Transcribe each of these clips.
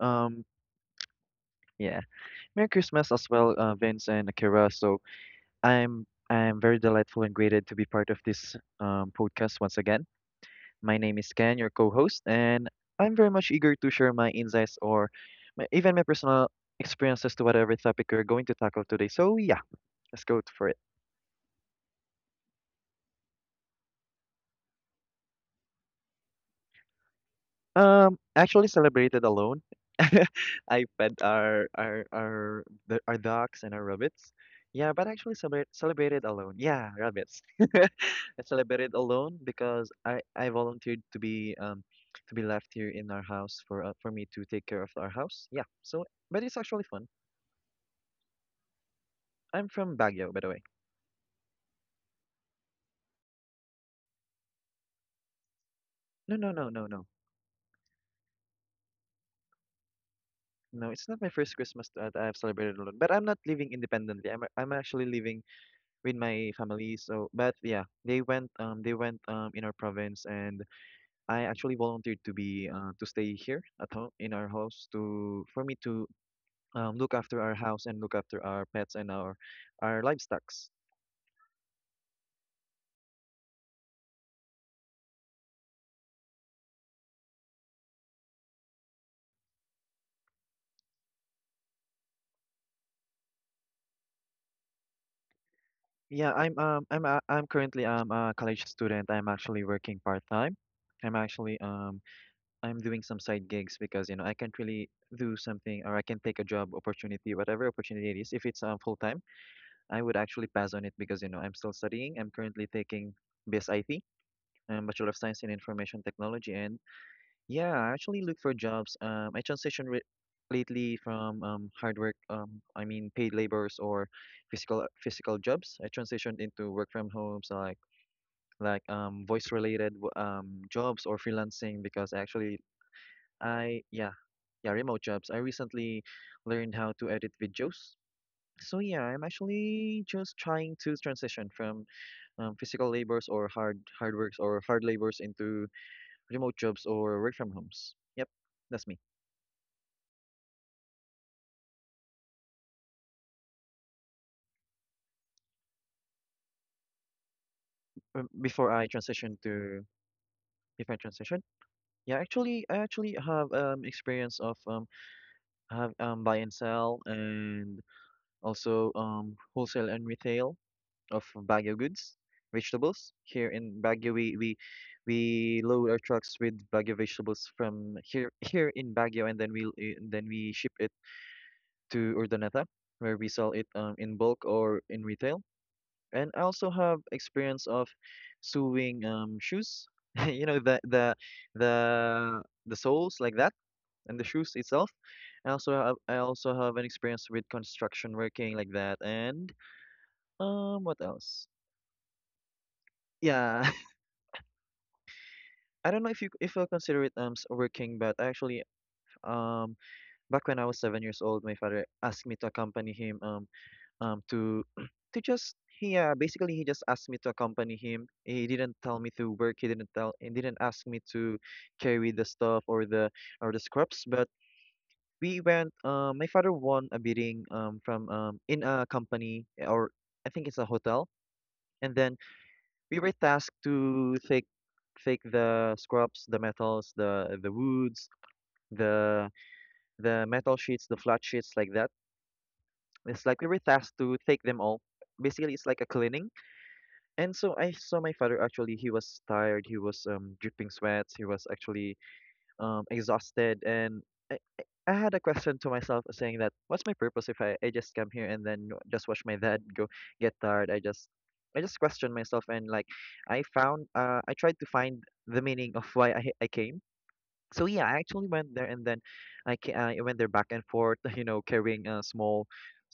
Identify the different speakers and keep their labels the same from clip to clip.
Speaker 1: Um, yeah. Merry Christmas as well, Vince and Akira. So I'm very delightful and grateful to be part of this podcast once again. My name is Ken, your co-host, and I'm very much eager to share my insights or my, even my personal experiences to whatever topic we're going to tackle today. So yeah, let's go for it. Actually celebrated alone. I fed our dogs and our rabbits. Yeah, but actually celebrated alone. Yeah, rabbits. I celebrated alone because I volunteered to be to be left here in our house for me to take care of our house. Yeah. So, but it's actually fun. I'm from Baguio, by the way. No, no, no, no, no. No, it's not my first Christmas that I have celebrated alone. But I'm not living independently. I'm actually living with my family. So, but yeah, they went in our province, and I actually volunteered to be to stay here at home in our house to for me to look after our house and look after our pets and our livestocks. Yeah, I'm currently a college student. I'm actually working part time. I'm actually um I'm doing some side gigs because you know I can't really do something or I can take a job opportunity, whatever opportunity it is, if it's full time. I would actually pass on it because, you know, I'm still studying. I'm currently taking BSIT, Bachelor of Science in Information Technology. And yeah, I actually look for jobs. I transitioned lately from hard work, I mean paid labors or physical jobs. I transitioned into work from homes, like voice related jobs or freelancing because actually I yeah yeah remote jobs. I recently learned how to edit videos. So yeah, I'm actually just trying to transition from physical labors or hard works or hard labors into remote jobs or work from homes. Yep, that's me. Before I transition to if I transition, yeah, actually, I actually have experience of I have buy and sell and also wholesale and retail of Baguio goods, vegetables. Here in Baguio, we load our trucks with Baguio vegetables from here in Baguio, and then we ship it to Urdaneta, where we sell it in bulk or in retail. And I also have experience of sewing shoes, you know, the soles like that, and the shoes itself. I also have an experience with construction working like that, and what else? Yeah, I don't know if you if I consider it working, but actually um back when I was 7 years old, my father asked me to accompany him to to just he basically he just asked me to accompany him. He didn't tell me to work. He didn't tell and didn't ask me to carry the stuff or the scraps. But we went. My father won a bidding from in a company or I think it's a hotel. And then we were tasked to take the scraps, the metals, the woods, the the metal sheets, the flat sheets like that. It's like we were tasked to take them all. Basically, it's like a cleaning. And so I saw my father actually he was tired, he was dripping sweats, he was actually exhausted and I had a question to myself saying that what's my purpose if I just come here and then just watch my dad go get tired. I just questioned myself and like I found I tried to find the meaning of why I came. So yeah, I actually went there, and then I went there back and forth, you know, carrying small,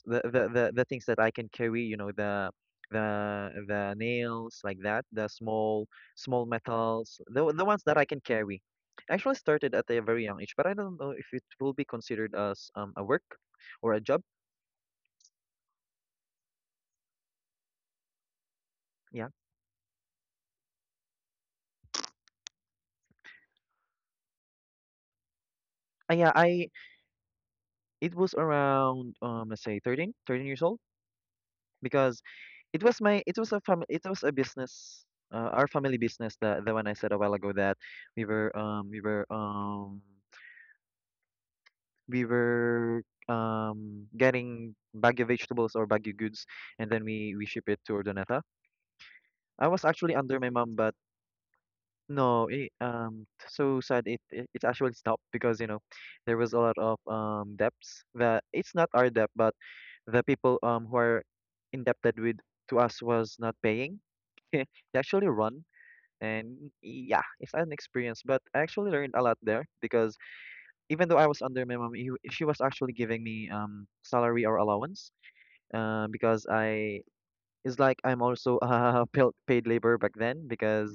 Speaker 1: the things that I can carry, you know, the nails like that, the small metals, the ones that I can carry. I actually started at a very young age, but I don't know if it will be considered as a work or a job. Yeah, yeah, I it was around let's say 13 years old because it was a family it was a business our family business, the one I said a while ago that we were we were getting baggy vegetables or baggy goods and then we ship it to Urdaneta. I was actually under my mom but no so sad it, it actually stopped because you know there was a lot of debts that it's not our debt but the people who are indebted with to us was not paying. They actually run. And yeah, it's an experience, but I actually learned a lot there because even though I was under my mom, she was actually giving me salary or allowance. Because I it's like I'm also paid labor back then because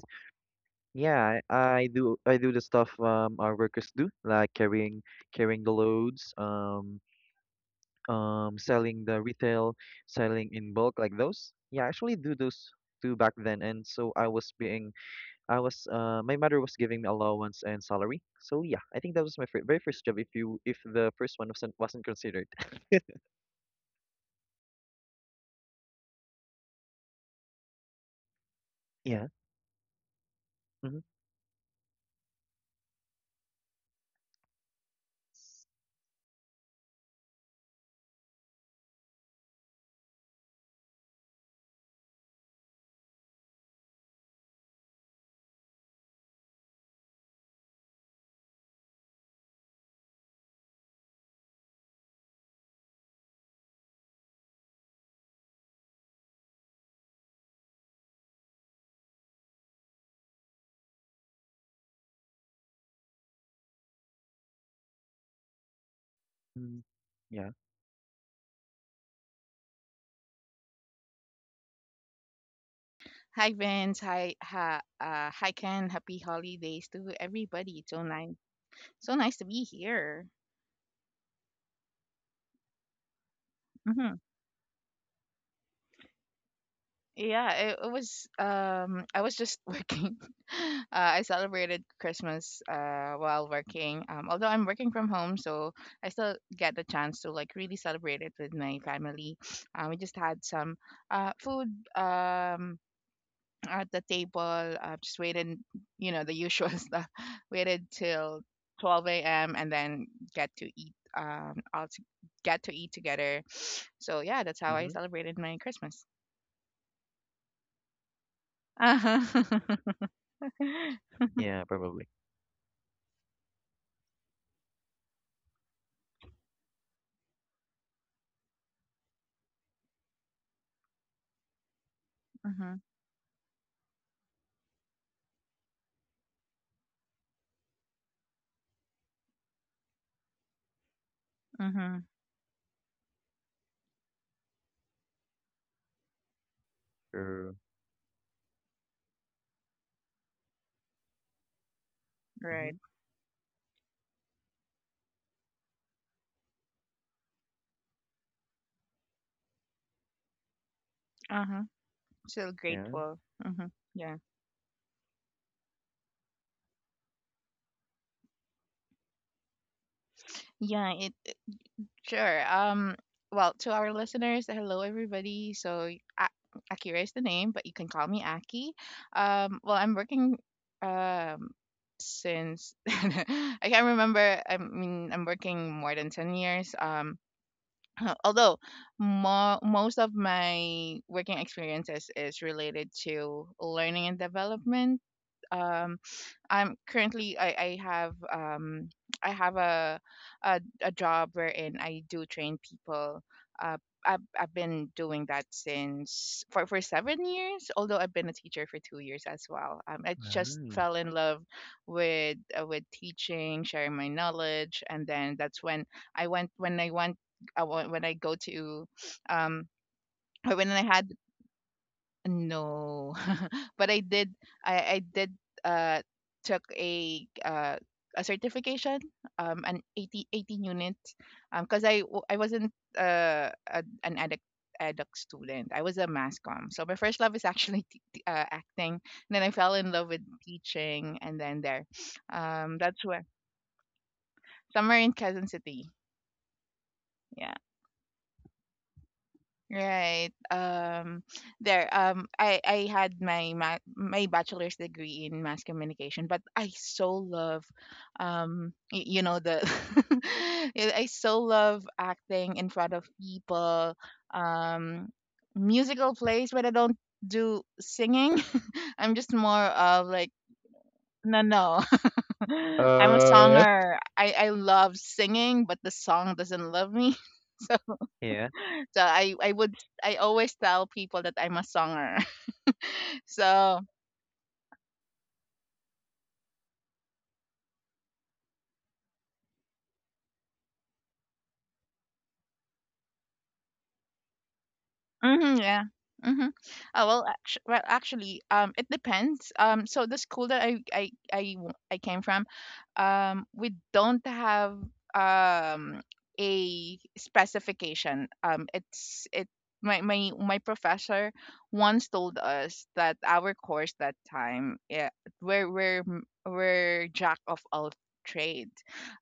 Speaker 1: yeah, I do the stuff our workers do like carrying the loads, selling the retail, selling in bulk like those. Yeah, I actually do those too back then, and so I was my mother was giving me allowance and salary. So yeah, I think that was my fir very first job. If the first one wasn't considered, yeah, mm-hmm. Mm, yeah,
Speaker 2: Hi Vince, hi Ken, happy holidays to everybody. It's so nice to be here. Hmm Yeah, it was. I was just working. I celebrated Christmas while working. Although I'm working from home, so I still get the chance to like really celebrate it with my family. We just had some food. Um, at the table. I've just waited, the usual stuff. Waited till 12 a.m. and then get to eat. All to get to eat together. So yeah, that's how I
Speaker 1: mm-hmm.
Speaker 2: celebrated my Christmas. Uh-huh.
Speaker 1: Yeah, probably
Speaker 2: mhm. Mhm.
Speaker 1: sure. Mm-hmm.
Speaker 2: Right. Uh huh. Still
Speaker 1: Yeah.
Speaker 2: grateful. Mhm. Yeah. Yeah. It Sure. Well, to our listeners, hello everybody. So A- Akira is the name, but you can call me Aki. Well, I'm working um since I can't remember. I mean, I'm working more than 10 years. Although most of my working experiences is related to learning and development. Um, I'm currently I have I have a job wherein I do train people. Uh, I've been doing that since for 7 years. Although I've been a teacher for 2 years as well. I just
Speaker 1: Wow.
Speaker 2: fell in love with teaching, sharing my knowledge, and then that's when I went I, wa- when I go to um. When I had no. But I did uh took a a certification an 80 18 unit because I wasn't an addict adduct student. I was a mass comm. So my first love is actually acting. And then I fell in love with teaching and then there. Um, that's where somewhere in Quezon City. Yeah. Right. Um, there I had my my bachelor's degree in mass communication, but I so love the I so love acting in front of people, um, musical plays, but I don't do singing. I'm just more of like no no. I'm a
Speaker 1: Uh,
Speaker 2: songer. I love singing, but the song doesn't love me.
Speaker 1: Yeah.
Speaker 2: So I would I always tell people that I'm a songer. So Mhm, yeah. Mhm. Oh, well, actually, it depends. So the school that I came from, we don't have um a specification. It's it my professor once told us that our course that time, yeah, we're jack of all trades,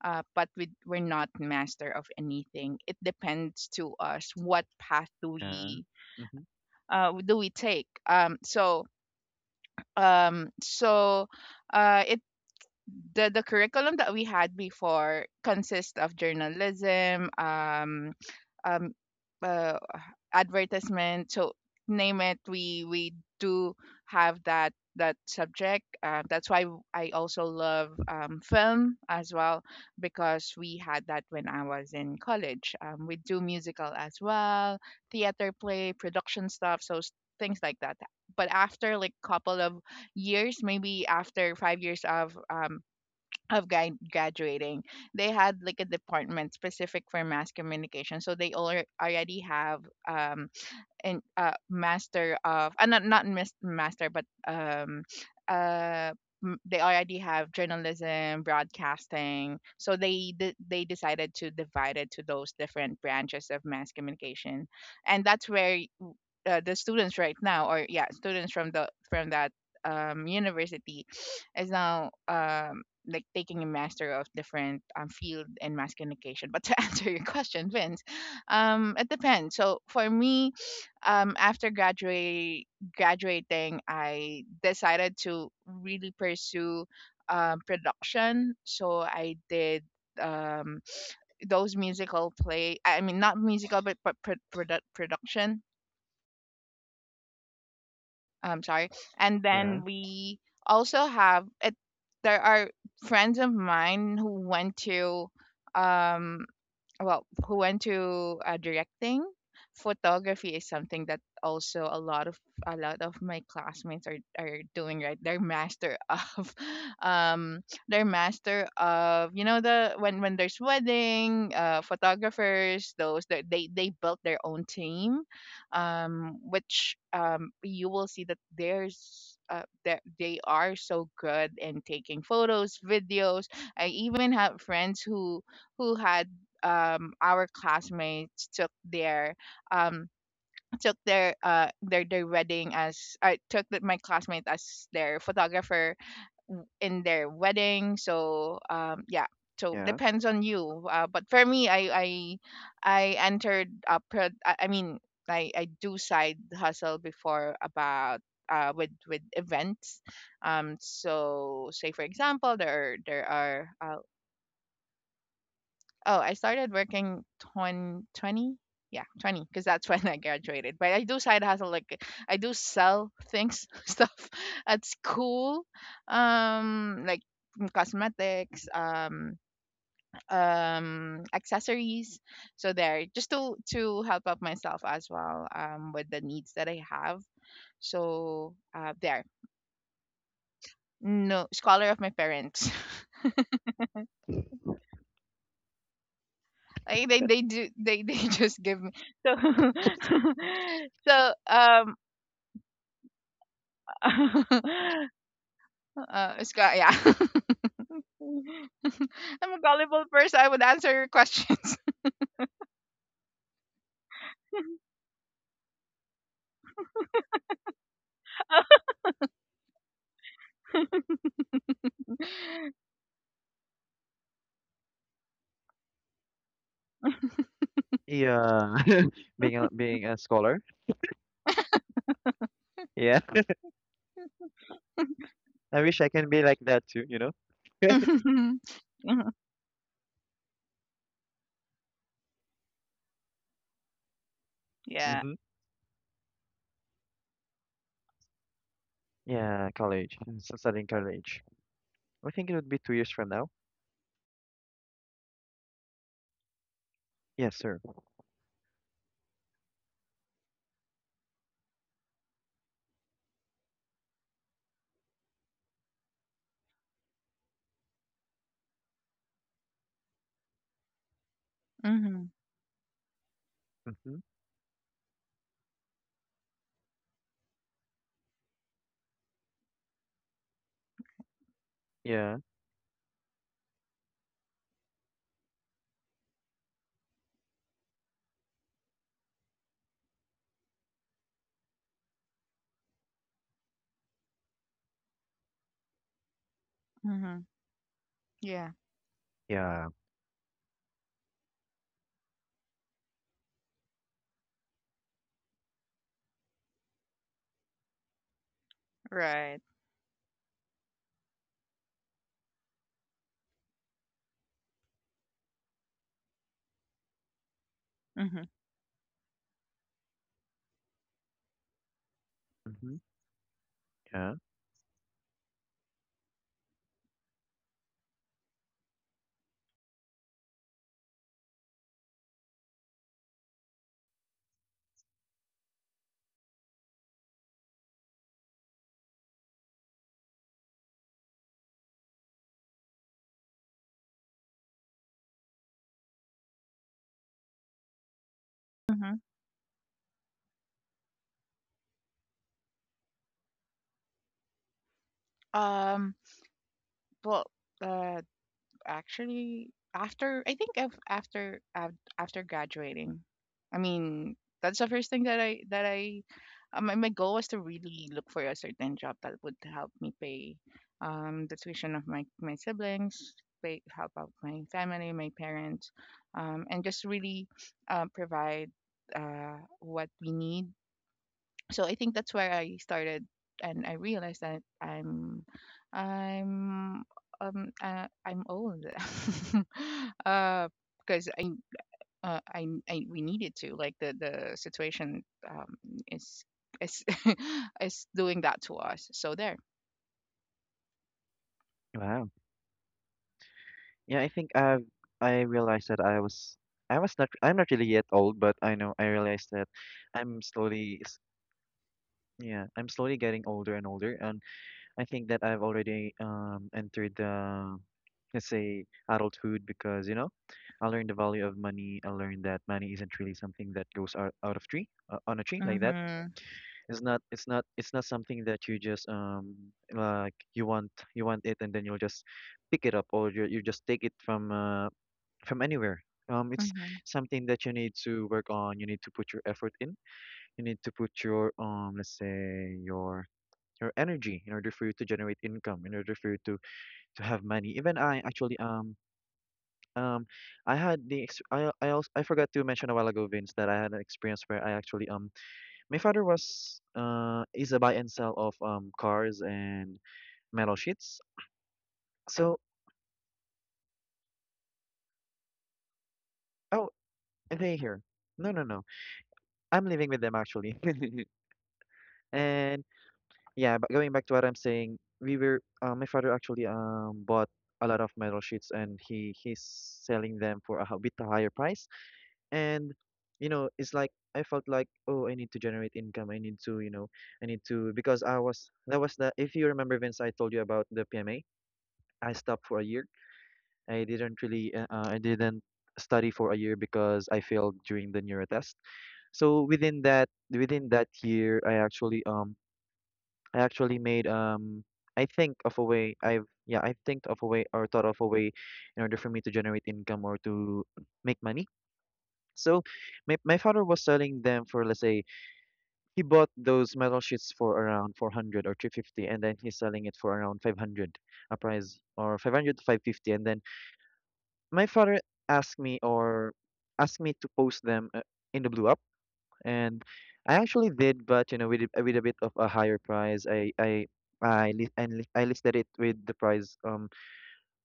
Speaker 2: but we're not master of anything. It depends to us what path
Speaker 1: Yeah. Mm-hmm.
Speaker 2: do we take? So so it the curriculum that we had before consists of journalism, um uh, advertisement, so name it, we do have that subject that's why I also love film as well because we had that when I was in college. Um, we do musical as well, theater play production stuff, so things like that. But after like couple of years, maybe after 5 years of guy graduating, they had like a department specific for mass communication. So they all already have um an master of not not mis- master but uh m- they already have journalism, broadcasting. So they they decided to divide it to those different branches of mass communication, and that's where the students right now or yeah students from the from that university is now like taking a master of different field in mass communication. But to answer your question Vince, it depends. So for me, after graduate graduating, I decided to really pursue production. So I did um, those musical play, I mean not musical, but production um, sorry. And then
Speaker 1: Yeah.
Speaker 2: we also have, it there are friends of mine who went to um, well who went to directing photography, is something that also a lot of my classmates are doing right, they're master of um, they're master of you know, the when there's wedding photographers, those that they built their own team, um, which um, you will see that there's that they are so good in taking photos, videos. I even have friends who had um, our classmates took their um, took their their wedding, as I took the, my classmate as their photographer in their wedding. So yeah, so
Speaker 1: Yeah.
Speaker 2: depends on you. But for me, I entered a pro. I do side hustle before about. With events, so say for example, there are Oh, I started working 2020, Yeah, 20, because that's when I graduated. But I do side hustle, like I do sell things, stuff at school, like mm, cosmetics, accessories. So there, just to help out myself as well, with the needs that I have. So there, no scholar of my parents. Like they do they, they just give me so so it's got yeah. I'm a gullible person. I would answer your questions.
Speaker 1: Yeah. Being a scholar. Yeah. I wish I can be like that too, you know?
Speaker 2: Mhm. Mhm. Yeah.
Speaker 1: Mm-hmm. Yeah, college. Mm, so studying college. I think it would be 2 years from now. Yes, sir.
Speaker 2: hmm
Speaker 1: Mm-hmm. Yeah.
Speaker 2: hmm Yeah.
Speaker 1: Yeah.
Speaker 2: Right. hmm
Speaker 1: Mhm. Yeah.
Speaker 2: hmm Um. Well. Uh. Actually, after I think after graduating. I mean, that's the first thing that I my my goal was to really look for a certain job that would help me pay um, the tuition of my my siblings, pay help out my family, my parents, um, and just really provide uh, what we need. So I think that's where I started, and I realized that I'm I'm old uh because I we needed to like the situation um, is is is doing that to us, so there.
Speaker 1: Wow. Yeah, I think I realized that I'm not really yet old, but I realized that I'm slowly getting older and older and I think that I've already entered the let's say adulthood because, you know, I learned the value of money. I learned that money isn't really something that goes out of tree on a tree like that.
Speaker 2: Mm-hmm.
Speaker 1: It's not something that you just like you want it and then you'll just pick it up or you just take it from anywhere. It's
Speaker 2: Mm-hmm.
Speaker 1: something that you need to work on. You need to put your effort in. You need to put your let's say your energy in order for you to generate income, in order for you to have money. Even I actually um I had the ex I also I forgot to mention a while ago, Vince, that I had an experience where I actually my father was is a buy and sell of cars and metal sheets. So oh, and they here. No, no, no. I'm living with them actually. And yeah, but going back to what I'm saying, we were my father actually bought a lot of metal sheets and he's selling them for a bit higher price. And you know, it's like I felt like oh, I need to generate income. I need to you know, I need to because I was that was the, if you remember Vince, I told you about the PMA. I stopped for a year. I didn't really I didn't study for a year because I failed during the neuro test. So within that year, I actually made I think of a way I think of a way or thought of a way in order for me to generate income or to make money. So my father was selling them for, let's say, he bought those metal sheets for around 400 or 350, and then he's selling it for around 500 a price, or 500 to 550. And then my father asked me to post them in the blue up, and I actually did. But you know, with with a bit of a higher price, I listed it with the price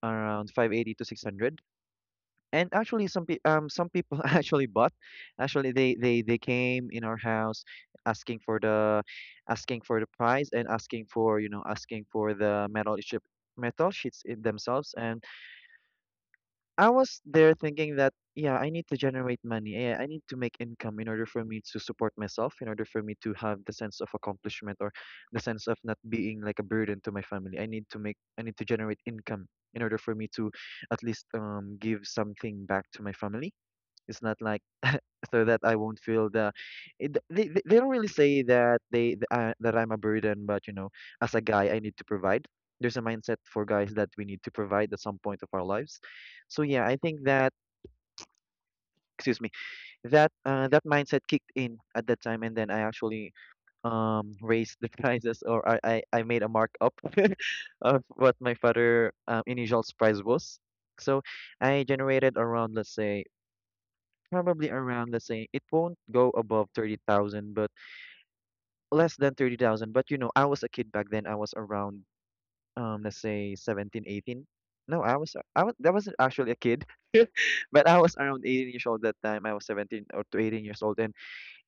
Speaker 1: around 580 to 600. And actually some some people actually bought. Actually they came in our house asking for the price, and asking for, you know, asking for the metal sheets in themselves. And I was there thinking that, yeah, I need to generate money. Yeah, I need to make income in order for me to support myself, in order for me to have the sense of accomplishment, or the sense of not being like a burden to my family. I need to generate income in order for me to at least give something back to my family. It's not like so that I won't feel the. It, they don't really say that that I'm a burden, but you know, as a guy, I need to provide. There's a mindset for guys that we need to provide at some point of our lives. So yeah, I think that, excuse me, that that mindset kicked in at that time. And then I actually raised the prices, or I made a markup of what my father initial price was. So I generated around, let's say, probably around, let's say, it won't go above 30,000, but less than 30,000. But you know, I was a kid back then. I was around, let's say 17, 18. No, that wasn't actually a kid, but I was around 18 years old that time. I was 17 or to 18 years old, and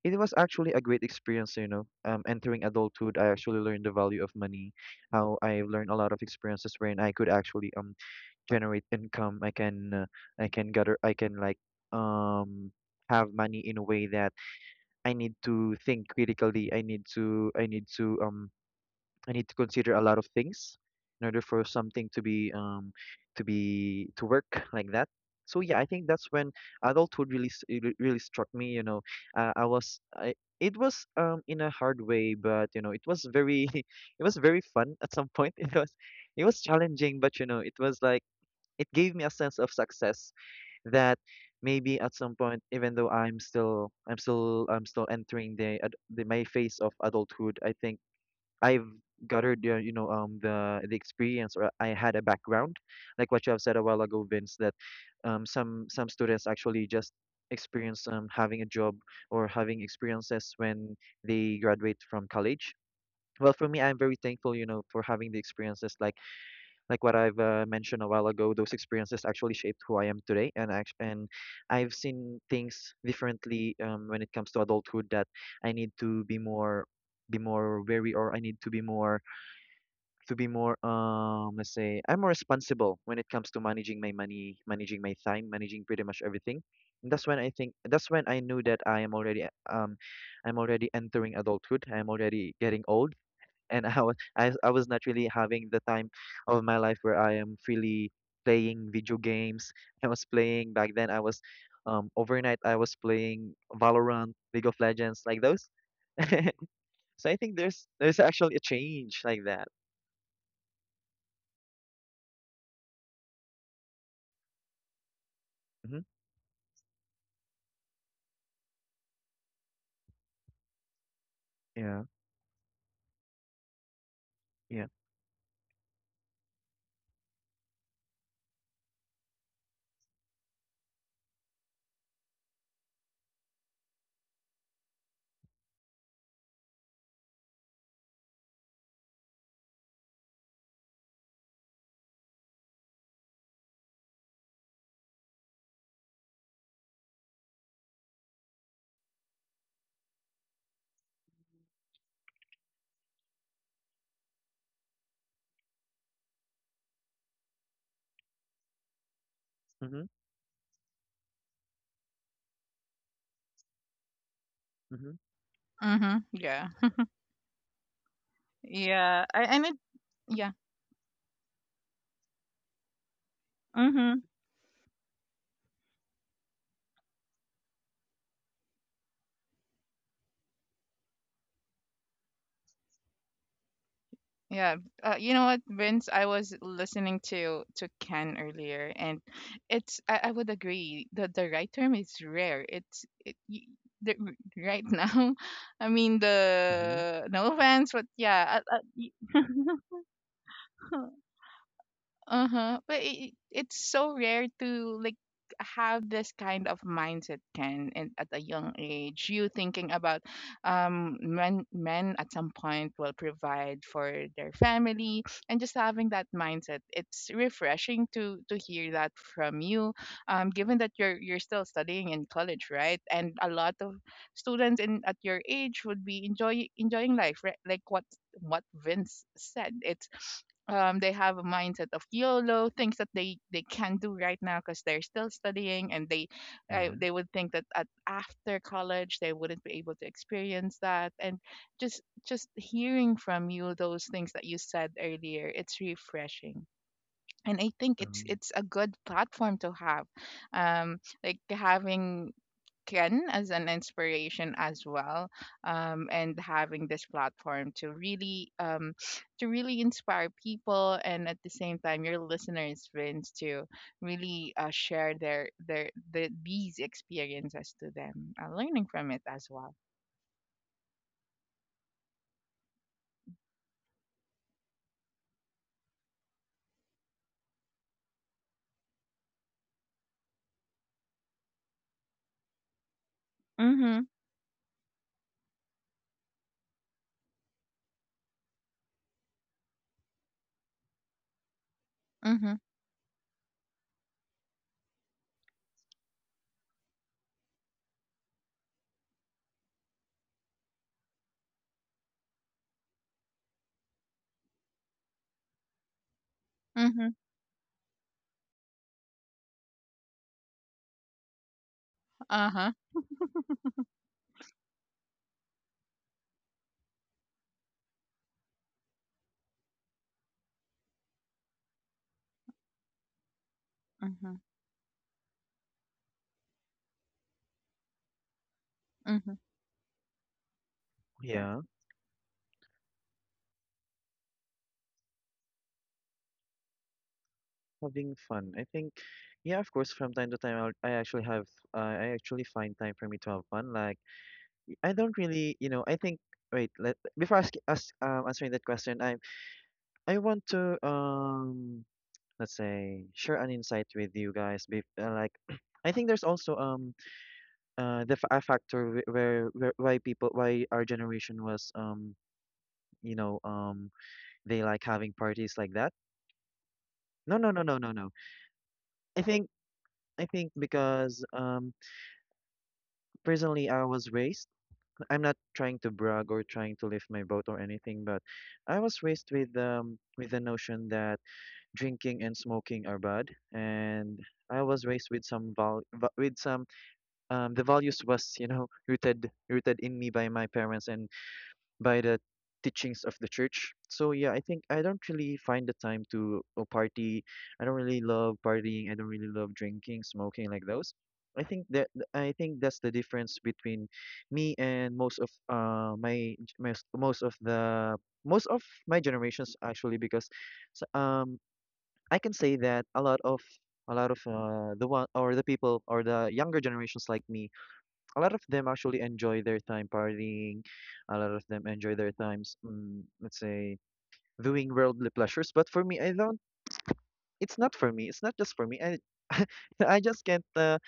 Speaker 1: it was actually a great experience, you know. Entering adulthood, I actually learned the value of money, how I learned a lot of experiences wherein I could actually generate income. I can gather, I can like um have money in a way that I need to think critically. I need to consider a lot of things in order for something to be to be to work like that. So yeah, I think that's when adulthood really it really struck me. You know, I it was in a hard way, but you know, it was very it was very fun at some point. It was challenging, but you know, it was like it gave me a sense of success that maybe at some point, even though I'm still entering the, ad- the my phase of adulthood, I think I've gathered the, you know, the experience, or I had a background, like what you have said a while ago, Vince, that some students actually just experience having a job or having experiences when they graduate from college. Well, for me, I'm very thankful, you know, for having the experiences like what I've mentioned a while ago. Those experiences actually shaped who I am today. And I've seen things differently when it comes to adulthood, that I need to be more wary, or I need to be more let's say I'm more responsible when it comes to managing my money, managing my time, managing pretty much everything. And that's when I think that's when I knew that I am already um I'm already entering adulthood. I'm already getting old, and I was I was not really having the time of my life where I am freely playing video games. I was playing back then. I was overnight. I was playing Valorant, League of Legends, like those. So I think there's actually a change like that. hmm Yeah. Yeah. hmm hmm
Speaker 2: Mm-hmm. Yeah. Yeah. I, and it yeah Mhm. Yeah, you know what, Vince? I was listening to Ken earlier, and it's I would agree that the right term is rare. It's it, y the, right now. I mean,
Speaker 1: Mm-hmm.
Speaker 2: the no offense, but yeah, I, Uh-huh. But it's so rare to like have this kind of mindset, Ken, and at a young age you thinking about um, men at some point will provide for their family, and just having that mindset, it's refreshing to hear that from you, um, given that you're still studying in college, right, and a lot of students in at your age would be enjoying life, right, like what Vince said, it's they have a mindset of YOLO, things that they can not do right now because they're still studying, and
Speaker 1: Yeah.
Speaker 2: they would think that at, after college they wouldn't be able to experience that. And just hearing from you those things that you said earlier, it's refreshing. And I think
Speaker 1: Um,
Speaker 2: it's a good platform to have, like having Ken as an inspiration as well, and having this platform to really inspire people, and at the same time, your listeners, Vince, to really share these experiences to them, learning from it as well. Mhm. Mhm. Mhm. Uh huh. Mhm. Mhm.
Speaker 1: yeah. Yeah, having fun. I think, yeah, of course, from time to time, I actually have, I actually find time for me to have fun. Like, I don't really, you know, I think wait, let before ask, ask answering that question, I want to, let's say, share an insight with you guys. Like I think there's also the a factor where why people, why our generation was, you know, they like having parties like that. No, no, no, no, no, no. I think I think because, personally, I was raised, I'm not trying to brag or trying to lift my boat or anything, but I was raised with the notion that drinking and smoking are bad. And I was raised with some with some the values was you know, rooted in me by my parents and by the teachings of the church. So yeah, I think I don't really find the time to party. I don't really love partying. I don't really love drinking, smoking, like those. I think that I think that's the difference between me and most of my most of my generations actually, because s- um I can say that a lot of the one, or the people, or the younger generations like me, a lot of them actually enjoy their time partying. A lot of them enjoy their times, let's say, doing worldly pleasures. But for me, I don't. It's not for me. It's not just for me. I, I just can't.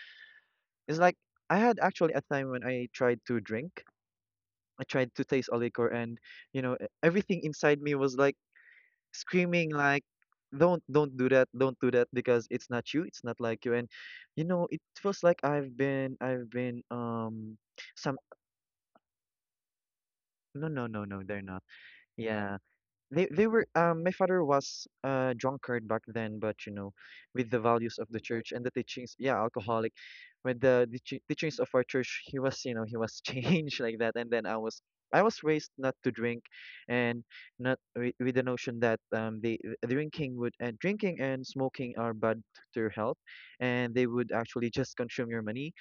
Speaker 1: It's like I had actually a time when I tried to drink. I tried to taste a liquor, and you know, everything inside me was like screaming, like, don't do that! Don't do that!" Because it's not you. It's not like you. And you know, it feels like some. No, no, no, no, they're not. Yeah, they were, my father was a drunkard back then, but you know, with the values of the church and the teachings, yeah, alcoholic, with the teachings of our church, he was, you know, he was changed like that. And then I was raised not to drink, and not with, with the notion that they drinking would, and drinking and smoking are bad to your health, and they would actually just consume your money,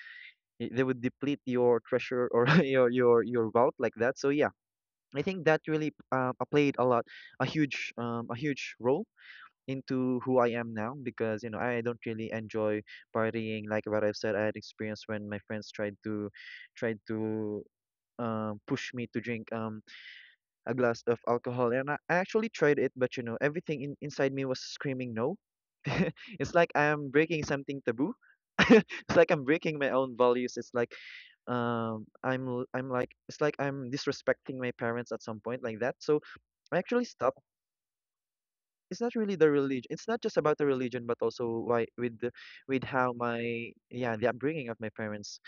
Speaker 1: they would deplete your treasure, or your wealth like that. So yeah, I think that really, played a lot, a huge role into who I am now, because you know, I don't really enjoy partying, like what I've said. I had experience when my friends tried to, tried to, push me to drink, a glass of alcohol, and I actually tried it, but you know, everything inside me was screaming no. It's like I am breaking something taboo. It's like I'm breaking my own values. It's like I'm like it's like I'm disrespecting my parents at some point like that. So I actually stopped. It's not really the religion. It's not just about the religion, but also why with the, with how my, yeah, the upbringing of my parents.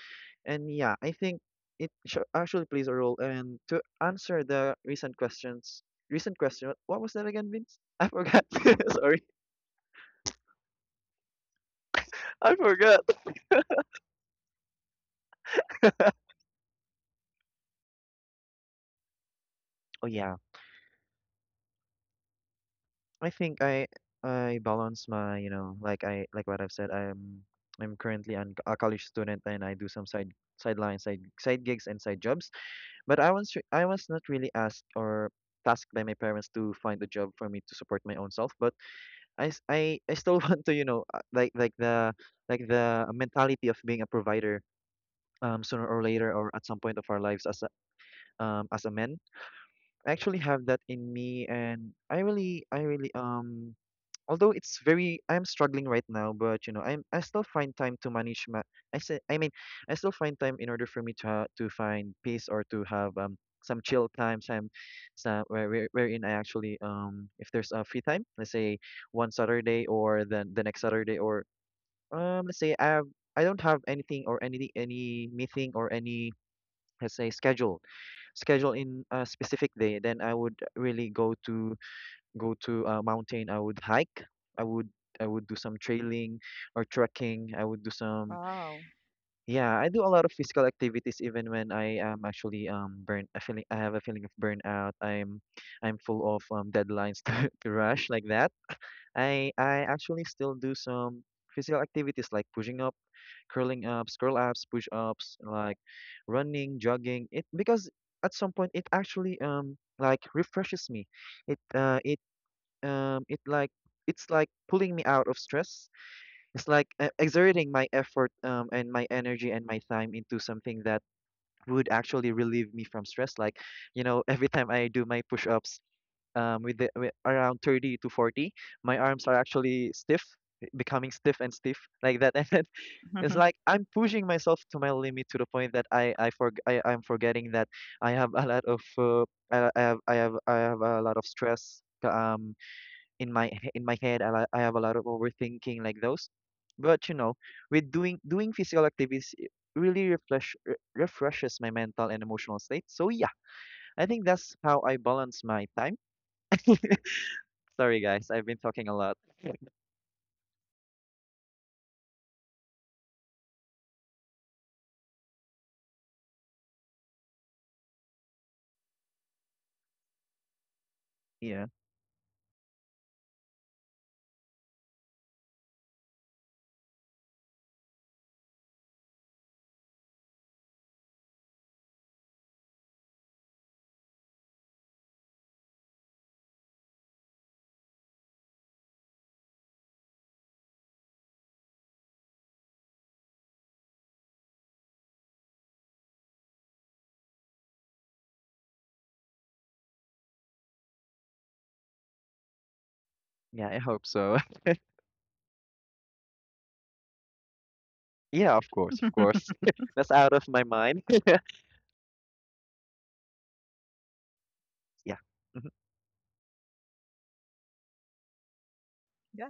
Speaker 1: And yeah, I think it actually plays a role. And to answer the recent question, what was that again, Vince? I forgot. Sorry, I forgot. Oh yeah, I think I balance my, you know, like I what I've said. I'm currently a college student, and I do some side sideline side side gigs and side jobs. But I was not really asked or tasked by my parents to find a job for me to support my own self. But I still want to, you know, like like the mentality of being a provider, sooner or later, or at some point of our lives, as a man. I actually have that in me, and I really, although it's very, I'm struggling right now. But you know, I still find time to manage my, I mean, I still find time in order for me to to find peace, or to have some chill time, some, wherein I actually if there's a free time. Let's say one Saturday, or then the next Saturday, or, let's say I have, I don't have anything, or any meeting, or any, let's say, schedule in a specific day, then I would really go to a mountain, I would hike. I would I would do some trailing or trekking. I would do some,
Speaker 2: Wow.
Speaker 1: yeah, I do a lot of physical activities even when I am actually burn I feeling I have a feeling of burnout. I'm full of deadlines to rush like that. I actually still do some physical activities like pushing up, curling ups, curl ups, push ups, like running, jogging. It, because at some point, it actually like refreshes me. It uh it um it like it's like pulling me out of stress. It's like, exerting my effort and my energy and my time into something that would actually relieve me from stress, like, every time I do my push-ups, with around 30 to 40, my arms are actually stiff, becoming stiff and stiff like that. And then it's like I'm pushing myself to my limit, to the point that I'm forgetting that I have a lot of I have I have I have a lot of stress in my head. I have a lot of overthinking, like those, but with doing physical activities, it really refreshes my mental and emotional state. So yeah, I think that's how I balance my time. Sorry, guys, I've been talking a lot. Yeah, yeah, I hope so. Yeah, of course, of course. That's out of my mind. Yeah. Mhm.
Speaker 2: yeah.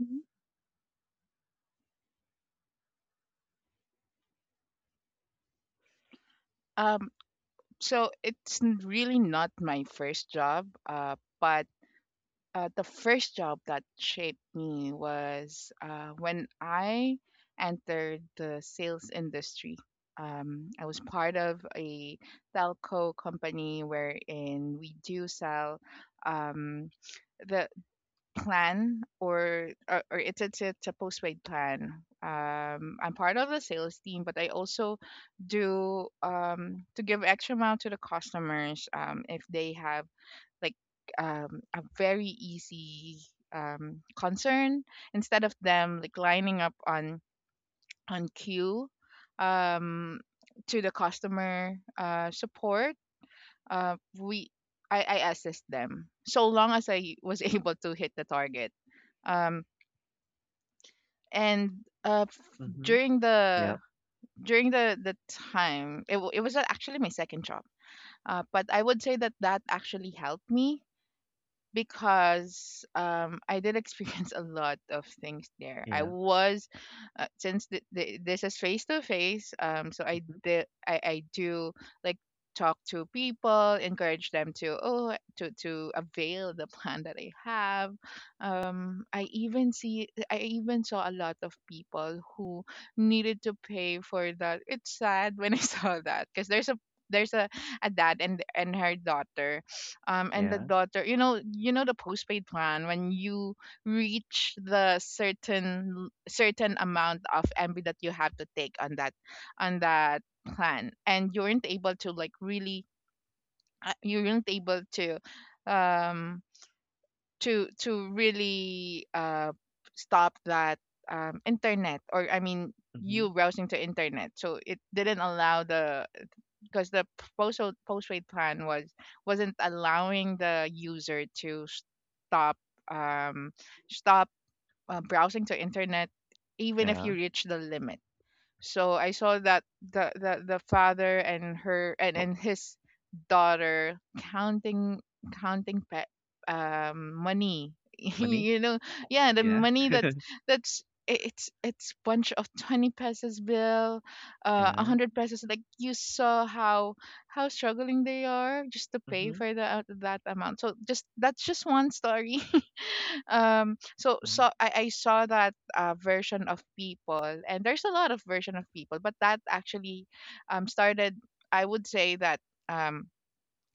Speaker 2: Mhm. Um, so it's really not my first job, but the first job that shaped me was when I entered the sales industry. I was part of a telco company wherein we do sell um, the plan, or it's a postpaid plan. I'm part of the sales team, but I also do to give extra amount to the customers if they have like a very easy concern, instead of them like lining up on queue um, to the customer support, we I assist them, so long as I was able to hit the target um, and
Speaker 1: Mhm.
Speaker 2: during the
Speaker 1: Yep.
Speaker 2: during the time, it was actually my second job but I would say that that actually helped me because I did experience a lot of things there. I
Speaker 1: Yeah.
Speaker 2: was since this is face to face, so I
Speaker 1: Mhm.
Speaker 2: did I do like talk to people, encourage them to to avail the plan that I have. I even saw a lot of people who needed to pay for that. It's sad when I saw that because there's a, a dad and her daughter, and the
Speaker 1: Yeah.
Speaker 2: daughter, you know, the postpaid plan, when you reach the certain amount of MB that you have to take on that plan, and you weren't able to like really, you weren't able to um to really stop that, internet, or I mean you
Speaker 1: Mhm.
Speaker 2: browsing to internet, so it didn't allow the because the post postpaid plan wasn't allowing the user to stop, um stop browsing to internet even if
Speaker 1: Yeah.
Speaker 2: you reach the limit. So I saw that the father and and his daughter counting pet money.
Speaker 1: Money.
Speaker 2: you know, yeah, the
Speaker 1: Yeah.
Speaker 2: money that that's I- it's bunch of 20 pesos bill,
Speaker 1: Yeah.
Speaker 2: 100 pesos. Like, you saw how struggling they are just to pay
Speaker 1: Mhm.
Speaker 2: for that amount. So just that's just one story. um so
Speaker 1: Mhm.
Speaker 2: so i, I saw that, version of people. And there's a lot of version of people, but that actually started, I would say that, um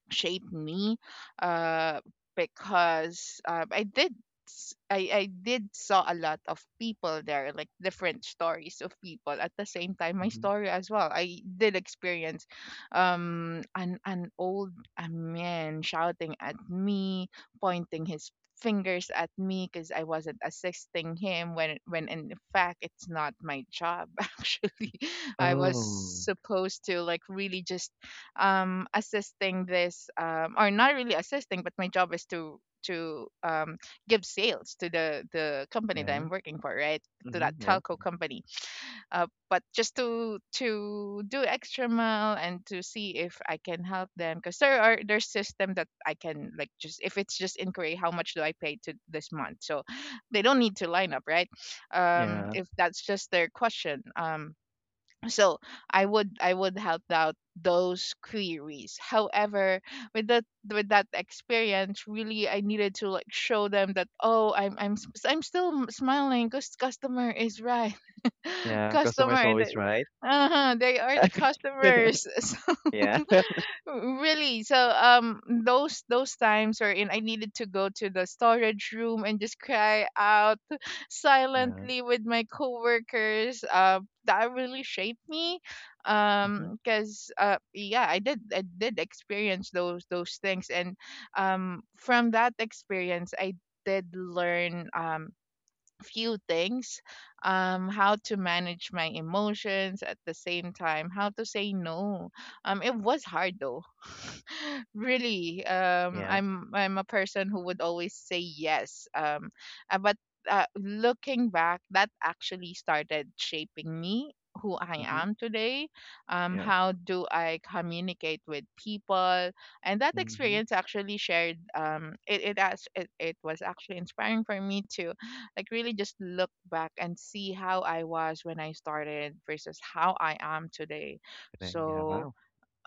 Speaker 2: shaped me, uh because, I did saw a lot of people there, like different stories of people. At the same time, my
Speaker 1: Mhm.
Speaker 2: story as well. I did experience an old a man shouting at me, pointing his fingers at me because I wasn't assisting him, when in fact it's not my job. Actually, I was
Speaker 1: Oh.
Speaker 2: supposed to like really just assisting this, or not really assisting, but my job is to give sales to the company that
Speaker 1: Yeah.
Speaker 2: I'm working for, right, to that
Speaker 1: Mhm. Yeah.
Speaker 2: telco company. But just to do extra mile, and to see if I can help them because there's system that I can, like, just, if it's just inquiry, how much do I pay to this month, so they don't need to line up, right.
Speaker 1: Yeah.
Speaker 2: If that's just their question, so I would help out those queries. However, with that with that experience, really, I needed to like show them that, oh, I'm s- I'm still m- smiling, because customer is right.
Speaker 1: Yeah. Customer is
Speaker 2: customer that
Speaker 1: always right.
Speaker 2: Uh-huh, they are the customers. So,
Speaker 1: Yeah.
Speaker 2: really, those times wherein I needed to go to the storage room and just cry out
Speaker 1: Yeah.
Speaker 2: silently with my coworkers, that really shaped me,
Speaker 1: Mhm.
Speaker 2: because, yeah, I did experience those things. And, from that experience, I did learn, few things, how to manage my emotions, at the same time how to say no. It was hard though, really. um
Speaker 1: Yeah.
Speaker 2: i'm i'm a person who would always say yes, but looking back, that actually started shaping me, who I
Speaker 1: Mhm.
Speaker 2: am today,
Speaker 1: Yeah.
Speaker 2: how do I communicate with people. And that
Speaker 1: Mhm.
Speaker 2: experience actually shared, it it, as, it was actually inspiring for me to like really just look back and see how I was when I started versus how I am today.
Speaker 1: Then, yeah,
Speaker 2: so
Speaker 1: wow.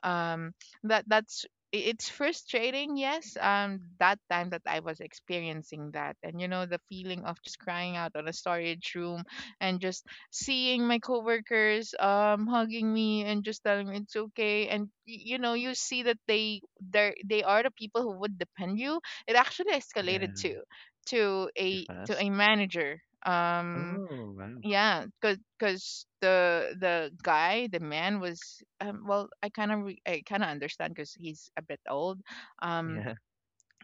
Speaker 2: um that that's i- it's frustrating, yes, that time that I was experiencing that. And you know, the feeling of just crying out on a storage room and just seeing my coworkers, hugging me and just telling me it's okay. And you know, you see that they are the people who would depend you. It actually
Speaker 1: Yeah,
Speaker 2: escalated to to
Speaker 1: too
Speaker 2: a to
Speaker 1: fast.
Speaker 2: a manager.
Speaker 1: Oh, wow.
Speaker 2: Yeah, cause the man was, well, I kind of understand because he's a bit old. Um,
Speaker 1: Yeah.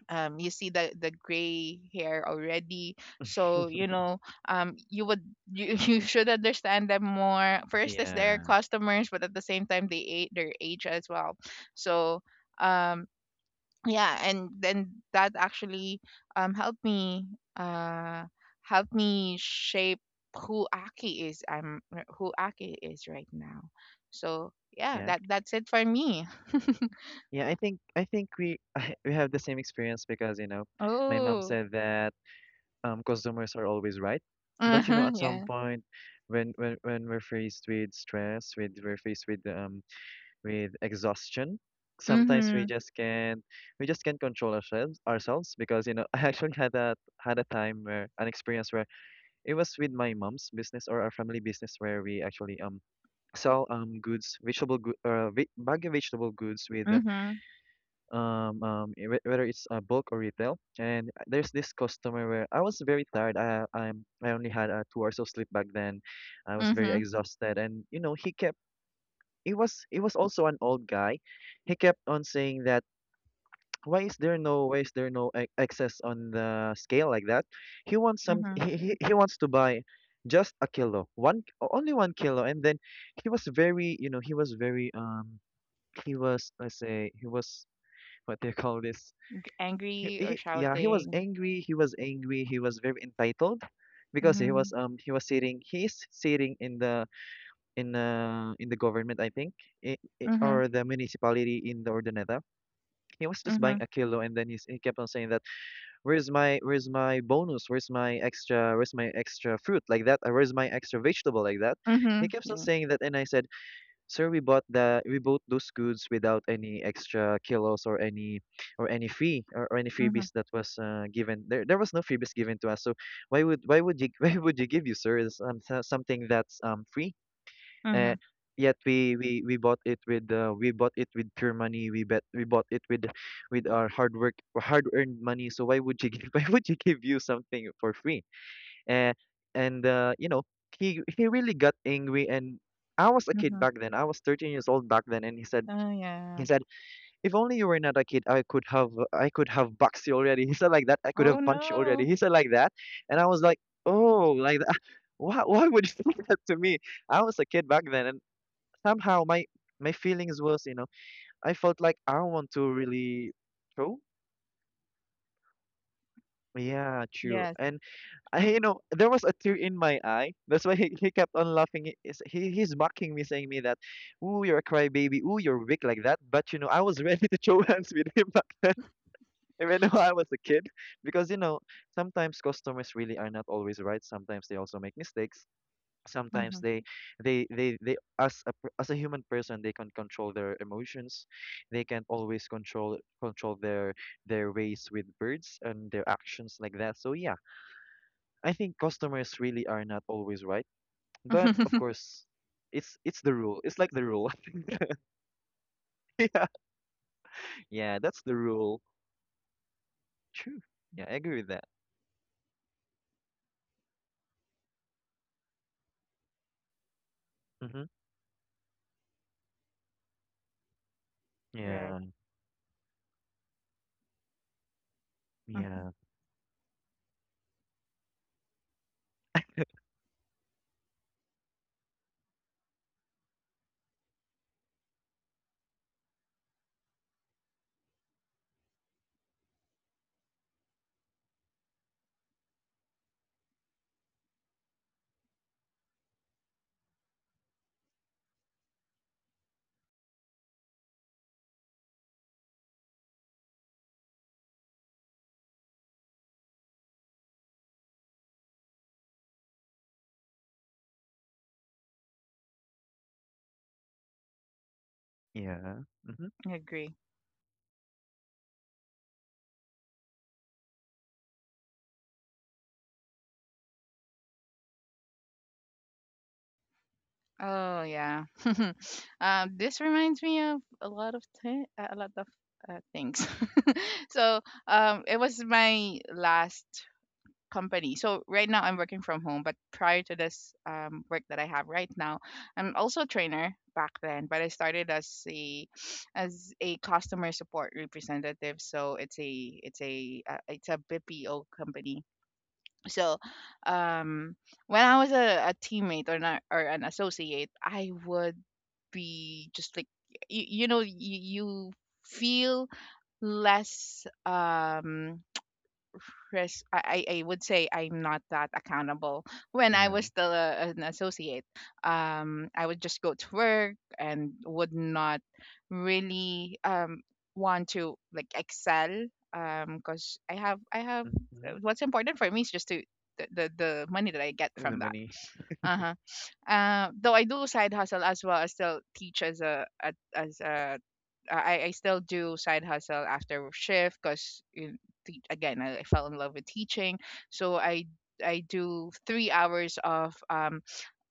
Speaker 2: you see the gray hair already, so, you know, um, you would you you should understand them more. First, as their
Speaker 1: Yeah,
Speaker 2: customers, but at the same time, they ate their age as well. So, um yeah. And then that actually, helped me, uh helped me shape who Aki is, I'm who Aki is right now. So, yeah,
Speaker 1: yeah,
Speaker 2: that's it for me.
Speaker 1: yeah. I think we we have the same experience, because my mom
Speaker 2: Oh,
Speaker 1: said that consumers are always right, but
Speaker 2: uh-huh,
Speaker 1: at some
Speaker 2: yeah.
Speaker 1: point, when we're faced with stress, with we're faced with exhaustion, sometimes
Speaker 2: Mm-hmm,
Speaker 1: we just can't control ourselves, because I actually had a time, where an experience, where it was with my mom's business, or our family business, where we actually sell goods, baggy vegetable goods, with
Speaker 2: mm-hmm,
Speaker 1: whether it's bulk or retail. And there's this customer where I was very tired. I only had, 2 hours of sleep back then. I was very
Speaker 2: mm-hmm,
Speaker 1: exhausted, and he kept. It was also an old guy. He kept on saying that, why is there no, excess on the scale, like that. He wants some,
Speaker 2: mm-hmm.
Speaker 1: he wants to buy just a kilo, one only 1 kilo. And then he was very, he was very, he was, let's say, he was, what they call this,
Speaker 2: Angry or
Speaker 1: he yeah, he was
Speaker 2: shouting.
Speaker 1: angry, he was very entitled, because he
Speaker 2: Mm-hmm,
Speaker 1: was, he was sitting, he's sitting in the, in the government, I think, I I
Speaker 2: mm-hmm,
Speaker 1: or the municipality in the Urdaneta. He was just
Speaker 2: mm-hmm,
Speaker 1: buying a kilo, and then he kept on saying that, where's my, bonus? Where's my extra, fruit, like that? Or where's my extra vegetable, like that?
Speaker 2: mm-hmm,
Speaker 1: He kept on
Speaker 2: yeah.
Speaker 1: saying that, and I said, "Sir, we bought the we bought those goods without any extra kilos, or any, fee, or any
Speaker 2: Mm-hmm,
Speaker 1: freebies that was, given. There, was no freebies given to us. So why would you why would you give you, sir, is, something that's free?
Speaker 2: mm-hmm,
Speaker 1: uh, Yet we bought it with, we bought it with pure money. We bet we bought it with our hard work, hard earned money. So why would you give why would you give you something for free, uh, and he really got angry." And I was a kid
Speaker 2: mm-hmm.
Speaker 1: back then, I was 13 years old back then, and
Speaker 2: Oh yeah.
Speaker 1: he said, if only you were not a kid, I could have boxed you already. He said, like that, I could
Speaker 2: Oh
Speaker 1: have punched you already,
Speaker 2: no.
Speaker 1: he said, like that. And I was like, oh, like that. Why would you say that to me? I was a kid back then. And somehow my, feelings was, I felt like, I don't want to really. True. Yeah, true.
Speaker 2: Yes.
Speaker 1: And there was a tear in my eye. That's why he kept on laughing. He, is- he He's mocking me, saying me that, "Ooh, you're a crybaby. Ooh, you're weak," like that. But I was ready to show hands with him back then, even though I was a kid, because sometimes customers really are not always right. Sometimes they also make mistakes. Sometimes
Speaker 2: Mm-hmm.
Speaker 1: they, as a human person, they can control their emotions, they can't always control their ways with birds and their actions, like that. So yeah, I think customers really are not always right, but of course, it's the rule, it's like the rule. Yeah, yeah, that's the rule. True. Yeah, I agree with that. Mm-hmm.
Speaker 2: Right.
Speaker 1: Yeah,
Speaker 2: Mm-hmm.
Speaker 1: yeah, yeah. Mm-hmm.
Speaker 2: I agree. Oh yeah. This reminds me of a lot of a lot of, things. So it was my last company. So right now I'm working from home, but prior to this, work that I have right now, I'm also a trainer back then. But I started as a customer support representative. So it's a it's a it's a BPO company. So, um, when I was a teammate, or not, or an associate, I would be just like you know you feel less, res- I, I would say I'm not that accountable. When I
Speaker 1: Yeah.
Speaker 2: was still an associate, I would just go to work and would not really, want to like excel, because I have
Speaker 1: Mm-hmm.
Speaker 2: what's important for me is just to the money that I get
Speaker 1: The
Speaker 2: from that.
Speaker 1: money.
Speaker 2: Uh-huh. Though I do side hustle as well as still teach as a as a I still do side hustle after shift, because again, I fell in love with teaching. So I do 3 hours of,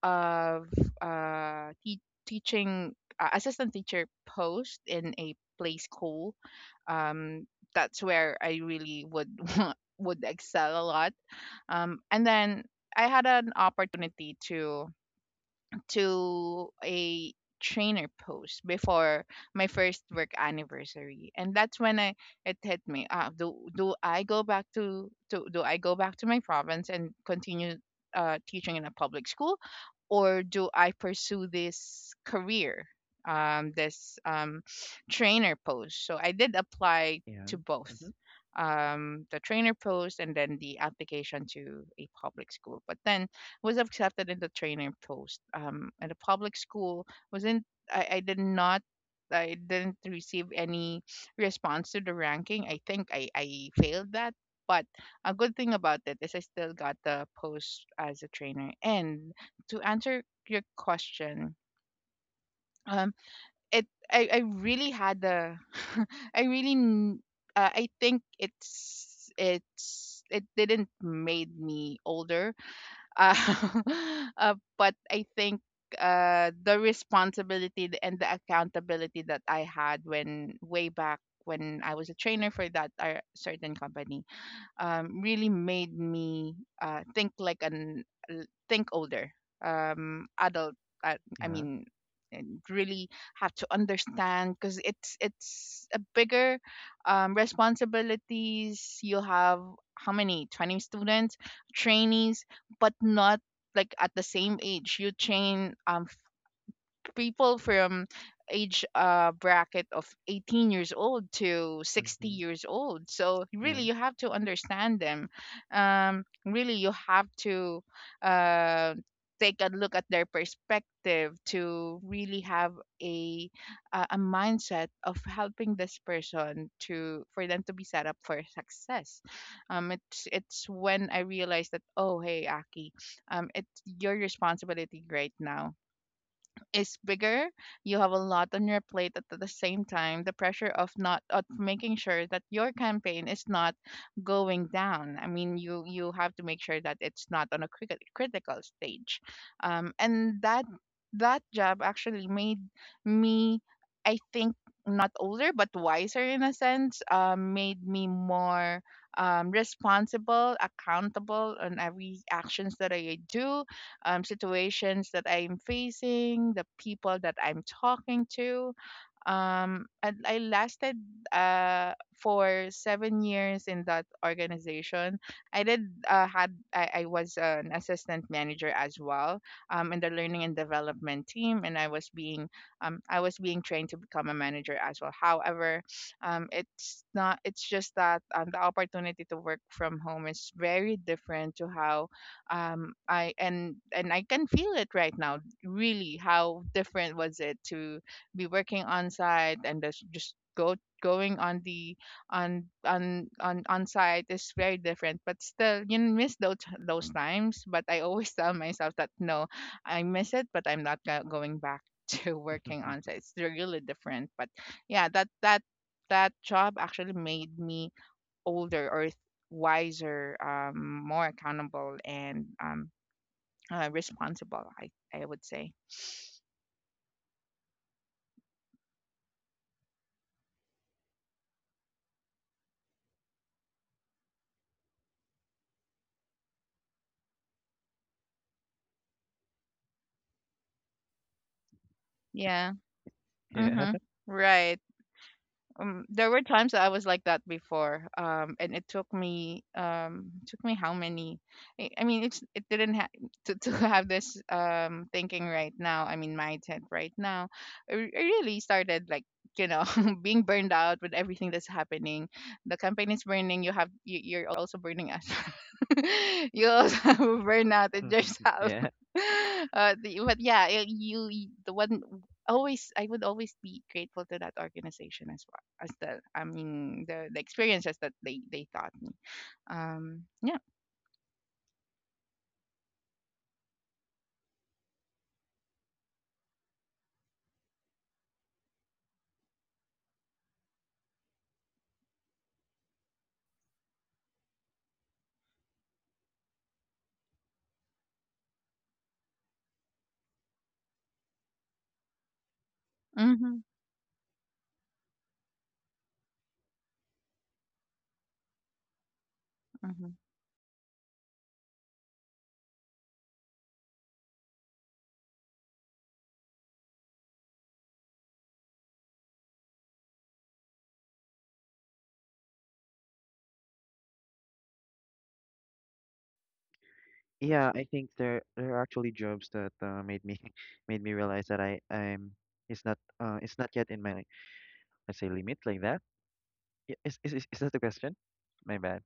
Speaker 2: of uh te- teaching, assistant teacher post in a play school. um that's where I really would would excel a lot. And then I had an opportunity to a trainer post before my first work anniversary. And that's when I it hit me. Ah, do I go back to my province and continue, teaching in a public school, or do I pursue this career, this, trainer post? So I did apply
Speaker 1: Yeah.
Speaker 2: to both,
Speaker 1: Mm-hmm.
Speaker 2: the trainer post, and then the application to a public school, but then was accepted in the trainer post, at a public school. Wasn't I did not I didn't receive any response to the ranking. I think I failed that. But a good thing about it is I still got the post as a trainer. And to answer your question, um, it I really had the I really I think it didn't made me older, uh, but I think, the responsibility and the accountability that I had, when way back when I was a trainer for that, certain company, really made me, think like think older, adult. I
Speaker 1: Yeah.
Speaker 2: mean, and really have to understand because it's a bigger, responsibilities. You'll have how many, 20 students, trainees, but not like at the same age. You train, people from age, bracket of 18 years old to 60
Speaker 1: Mm-hmm.
Speaker 2: years old. So
Speaker 1: Yeah.
Speaker 2: really you have to understand them, really you have to, uh take a look at their perspective, to really have a a mindset of helping this person to, for them to be set up for success. It's when I realized that, oh, hey, Aki, it's your responsibility right now is bigger. You have a lot on your plate at the same time. The pressure of not of making sure that your campaign is not going down. I mean, you have to make sure that it's not on a critical stage. And that job actually made me, I think, not older but wiser in a sense. Made me more, responsible, accountable on every actions that I do, situations that I'm facing, the people that I'm talking to, and I lasted, uh for 7 years in that organization. I did had I was an assistant manager as well, in the learning and development team, and I was being trained to become a manager as well. However, it's not it's just that, the opportunity to work from home is very different to how, I, and I can feel it right now. Really, how different was it to be working on site, and just go going on the on site is very different. But still you miss those times. But I always tell myself that, no, I miss it, but I'm not going back to working on site. It's really different. But yeah, that job actually made me older or wiser, more accountable, and, responsible, I would say. Yeah.
Speaker 1: Yeah.
Speaker 2: Mm-hmm. Right. There were times that I was like that before, and it took me, took me how many, I mean, it's it didn't to have this, thinking right now, I mean, mindset right now. I really started, like, you know, being burned out with everything that's happening. The campaign is burning, you, you're also burning us. you also have a burnout in yourself
Speaker 1: Yeah.
Speaker 2: But yeah, you the one always I would always be grateful to that organization, as well as, the I mean, the experiences that they taught me. Yeah. Mhm. Mhm.
Speaker 1: Yeah, I think there are actually jobs that, made me made me realize that, I I'm it's not, it's not yet in my, let's say, limit, like that. Is that the question? My bad.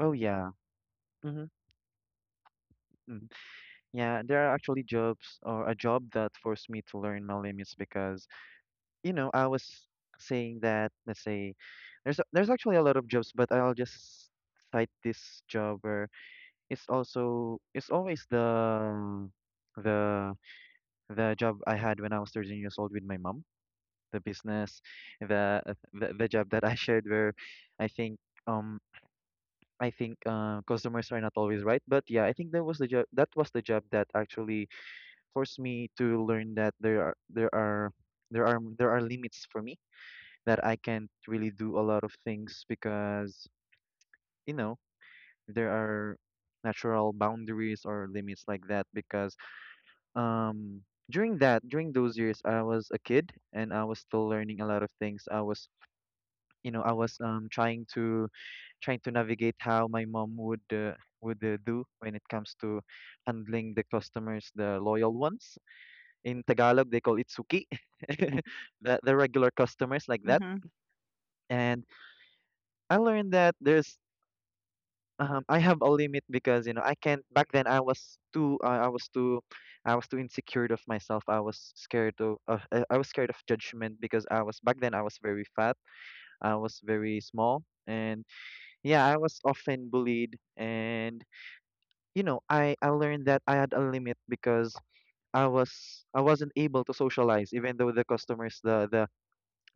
Speaker 1: Oh yeah. Mm-hmm. mm Yeah, there are actually jobs, or a job, that forced me to learn my limits, because I was saying that, let's say, there's actually a lot of jobs, but I'll just cite this job where it's always the the job I had when I was 13 years old with my mom, the business, the job that I shared, where I think, um customers are not always right. But yeah, I think that was the job, that actually forced me to learn that, there are limits for me, that I can't really do a lot of things, because you know there are natural boundaries or limits, like that. Because um during that during those years, I was a kid, and I was still learning a lot of things. I was trying to navigate how my mom would, do when it comes to handling the customers, the loyal ones. In Tagalog they call it suki. The regular customers, like that.
Speaker 2: Mhm.
Speaker 1: And I learned that there's, I have a limit, because I can't. Back then, I was too. I was too. I was too insecure of myself. I was scared of. I was scared of judgment, because I was, back then, I was very fat. I was very small, and yeah, I was often bullied. And I learned that I had a limit, because I was I wasn't able to socialize, even though the customers, the the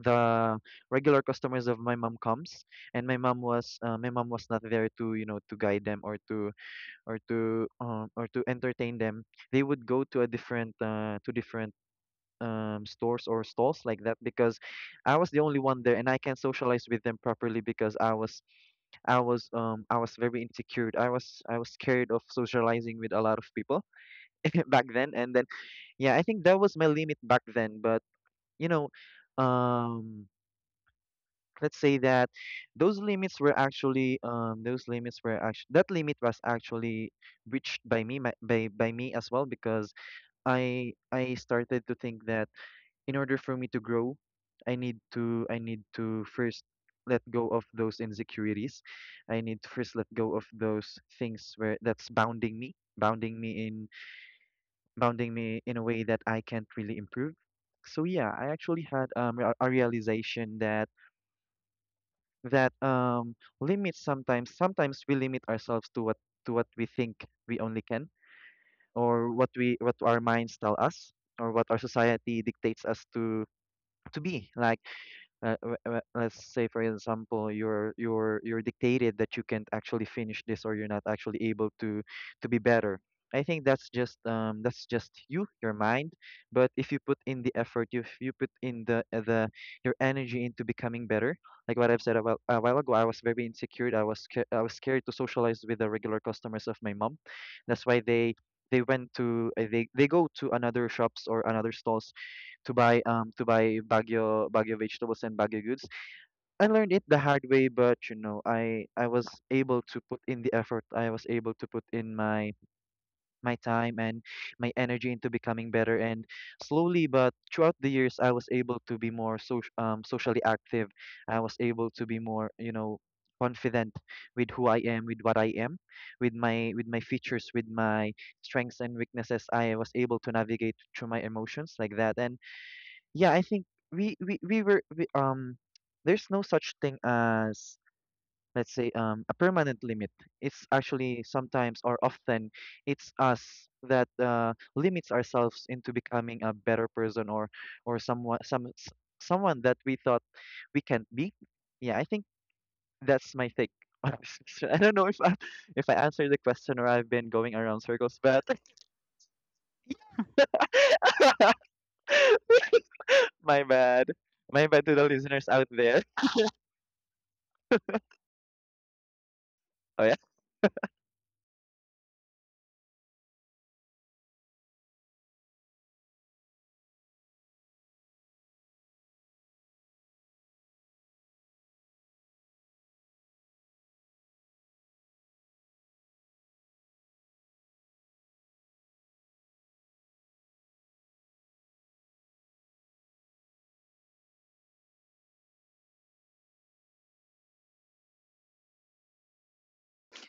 Speaker 1: the regular customers of my mom comes, and my mom was not there to, to guide them, or to or to, or to entertain them, they would go to a different, to different, stores or stalls, like that, because I was the only one there, and I can't socialize with them properly, because I was very insecure. I was scared of socializing with a lot of people back then. And then yeah, I think that was my limit back then, but you know, um let's say that, those limits were actually that limit was actually reached by me, by me as well, because I started to think that, in order for me to grow, I need to first let go of those insecurities. I need to first let go of those things where, that's bounding me, bounding me in a way that I can't really improve. So yeah, I actually had, a realization that, that um limits, sometimes we limit ourselves to what, we think we only can, or what we, what our minds tell us, or what our society dictates us to, be like, let's say, for example, you're dictated that you can't actually finish this, or you're not actually able to, be better. I think that's just, that's just you, your mind. But if you put in the effort, if you put in, the your energy into becoming better, like what I've said a while ago, I was very insecure, I was scared to socialize with the regular customers of my mom. That's why they went to, they go to another shops or another stalls to buy, Baguio vegetables and Baguio goods. I learned it the hard way, but I was able to put in the effort. I was able to put in my time and my energy into becoming better. And slowly, but throughout the years, I was able to be more so, socially active. I was able to be more, confident with who I am, with what I am, with my, features, with my strengths and weaknesses. I was able to navigate through my emotions, like that. And yeah, I think, we we we were we, um there's no such thing as, let's say, a permanent limit. It's actually sometimes, or often, it's us that, limits ourselves into becoming a better person, or someone, someone that we thought we can't be. Yeah, I think that's my take on this question. I don't know if, if I answered the question, or I've been going around circles, but my bad, my bad, to the listeners out there.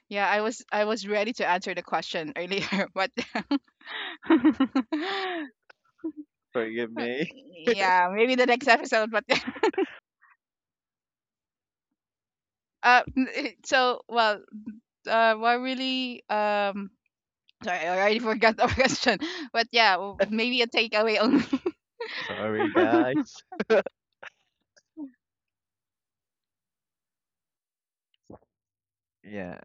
Speaker 2: Yeah, I was ready to answer the question earlier, but
Speaker 1: Forgive me.
Speaker 2: yeah, maybe the next episode. But Well, what really, Sorry, I already forgot the question. But yeah, maybe a takeaway only.
Speaker 1: Sorry, guys. Yeah.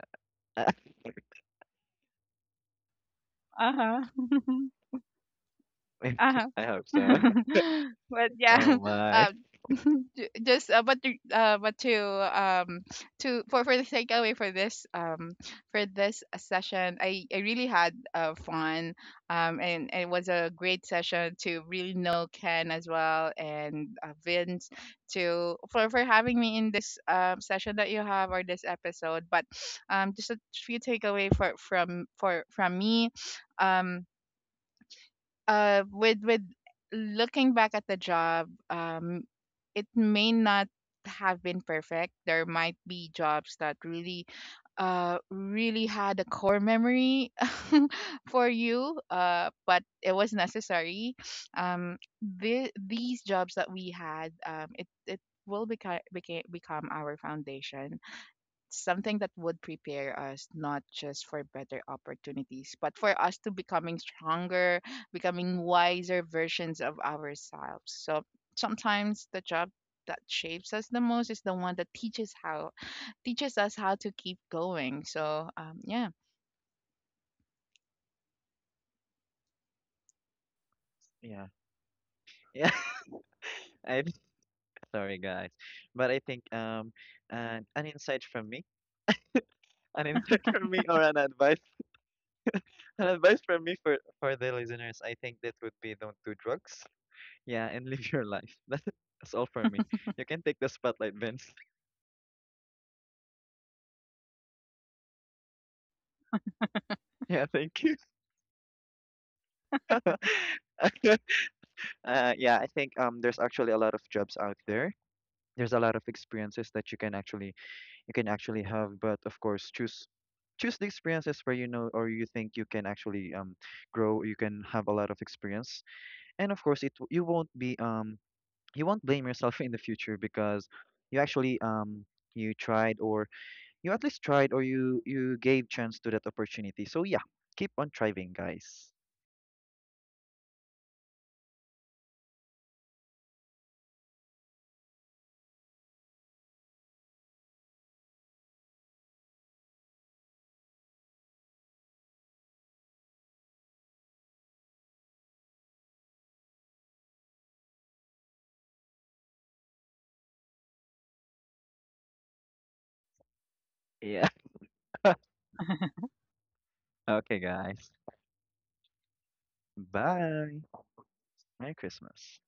Speaker 2: Uh huh. Uh huh.
Speaker 1: I hope so.
Speaker 2: But yeah,
Speaker 1: Oh my.
Speaker 2: um, just, but to, for the takeaway for this session, I really had fun and it was a great session to really know Ken as well and Vince to for having me in this session that you have or this episode. But just a few takeaway for from, for from me. Um with Looking back at the job, it may not have been perfect. There might be jobs that really, really had a core memory for you, but it was necessary. um the, these jobs that we had, it it will become became, become our foundation. Something that would prepare us, not just for better opportunities, but for us to becoming stronger, becoming wiser versions of ourselves. So sometimes the job that shapes us the most is the one that teaches us how to keep going. So, yeah,
Speaker 1: Yeah. Yeah. I'm sorry, guys. But I think, an insight from me, an insight from me, or an advice, from me, for the listeners. I think that would be, don't do drugs. Yeah, and live your life. That's all for me. You can take the spotlight, Vince. Yeah, thank you. uh, yeah, I think, there's actually a lot of jobs out there, there's a lot of experiences that, you can actually have, but of course, choose the experiences where, or you think you can actually, grow, you can have a lot of experience. And of course, you won't blame yourself in the future, because you actually um you tried, or you at least tried, or you gave chance to that opportunity. So yeah, keep on thriving, guys. Yeah. Okay, guys. Bye, Merry Christmas.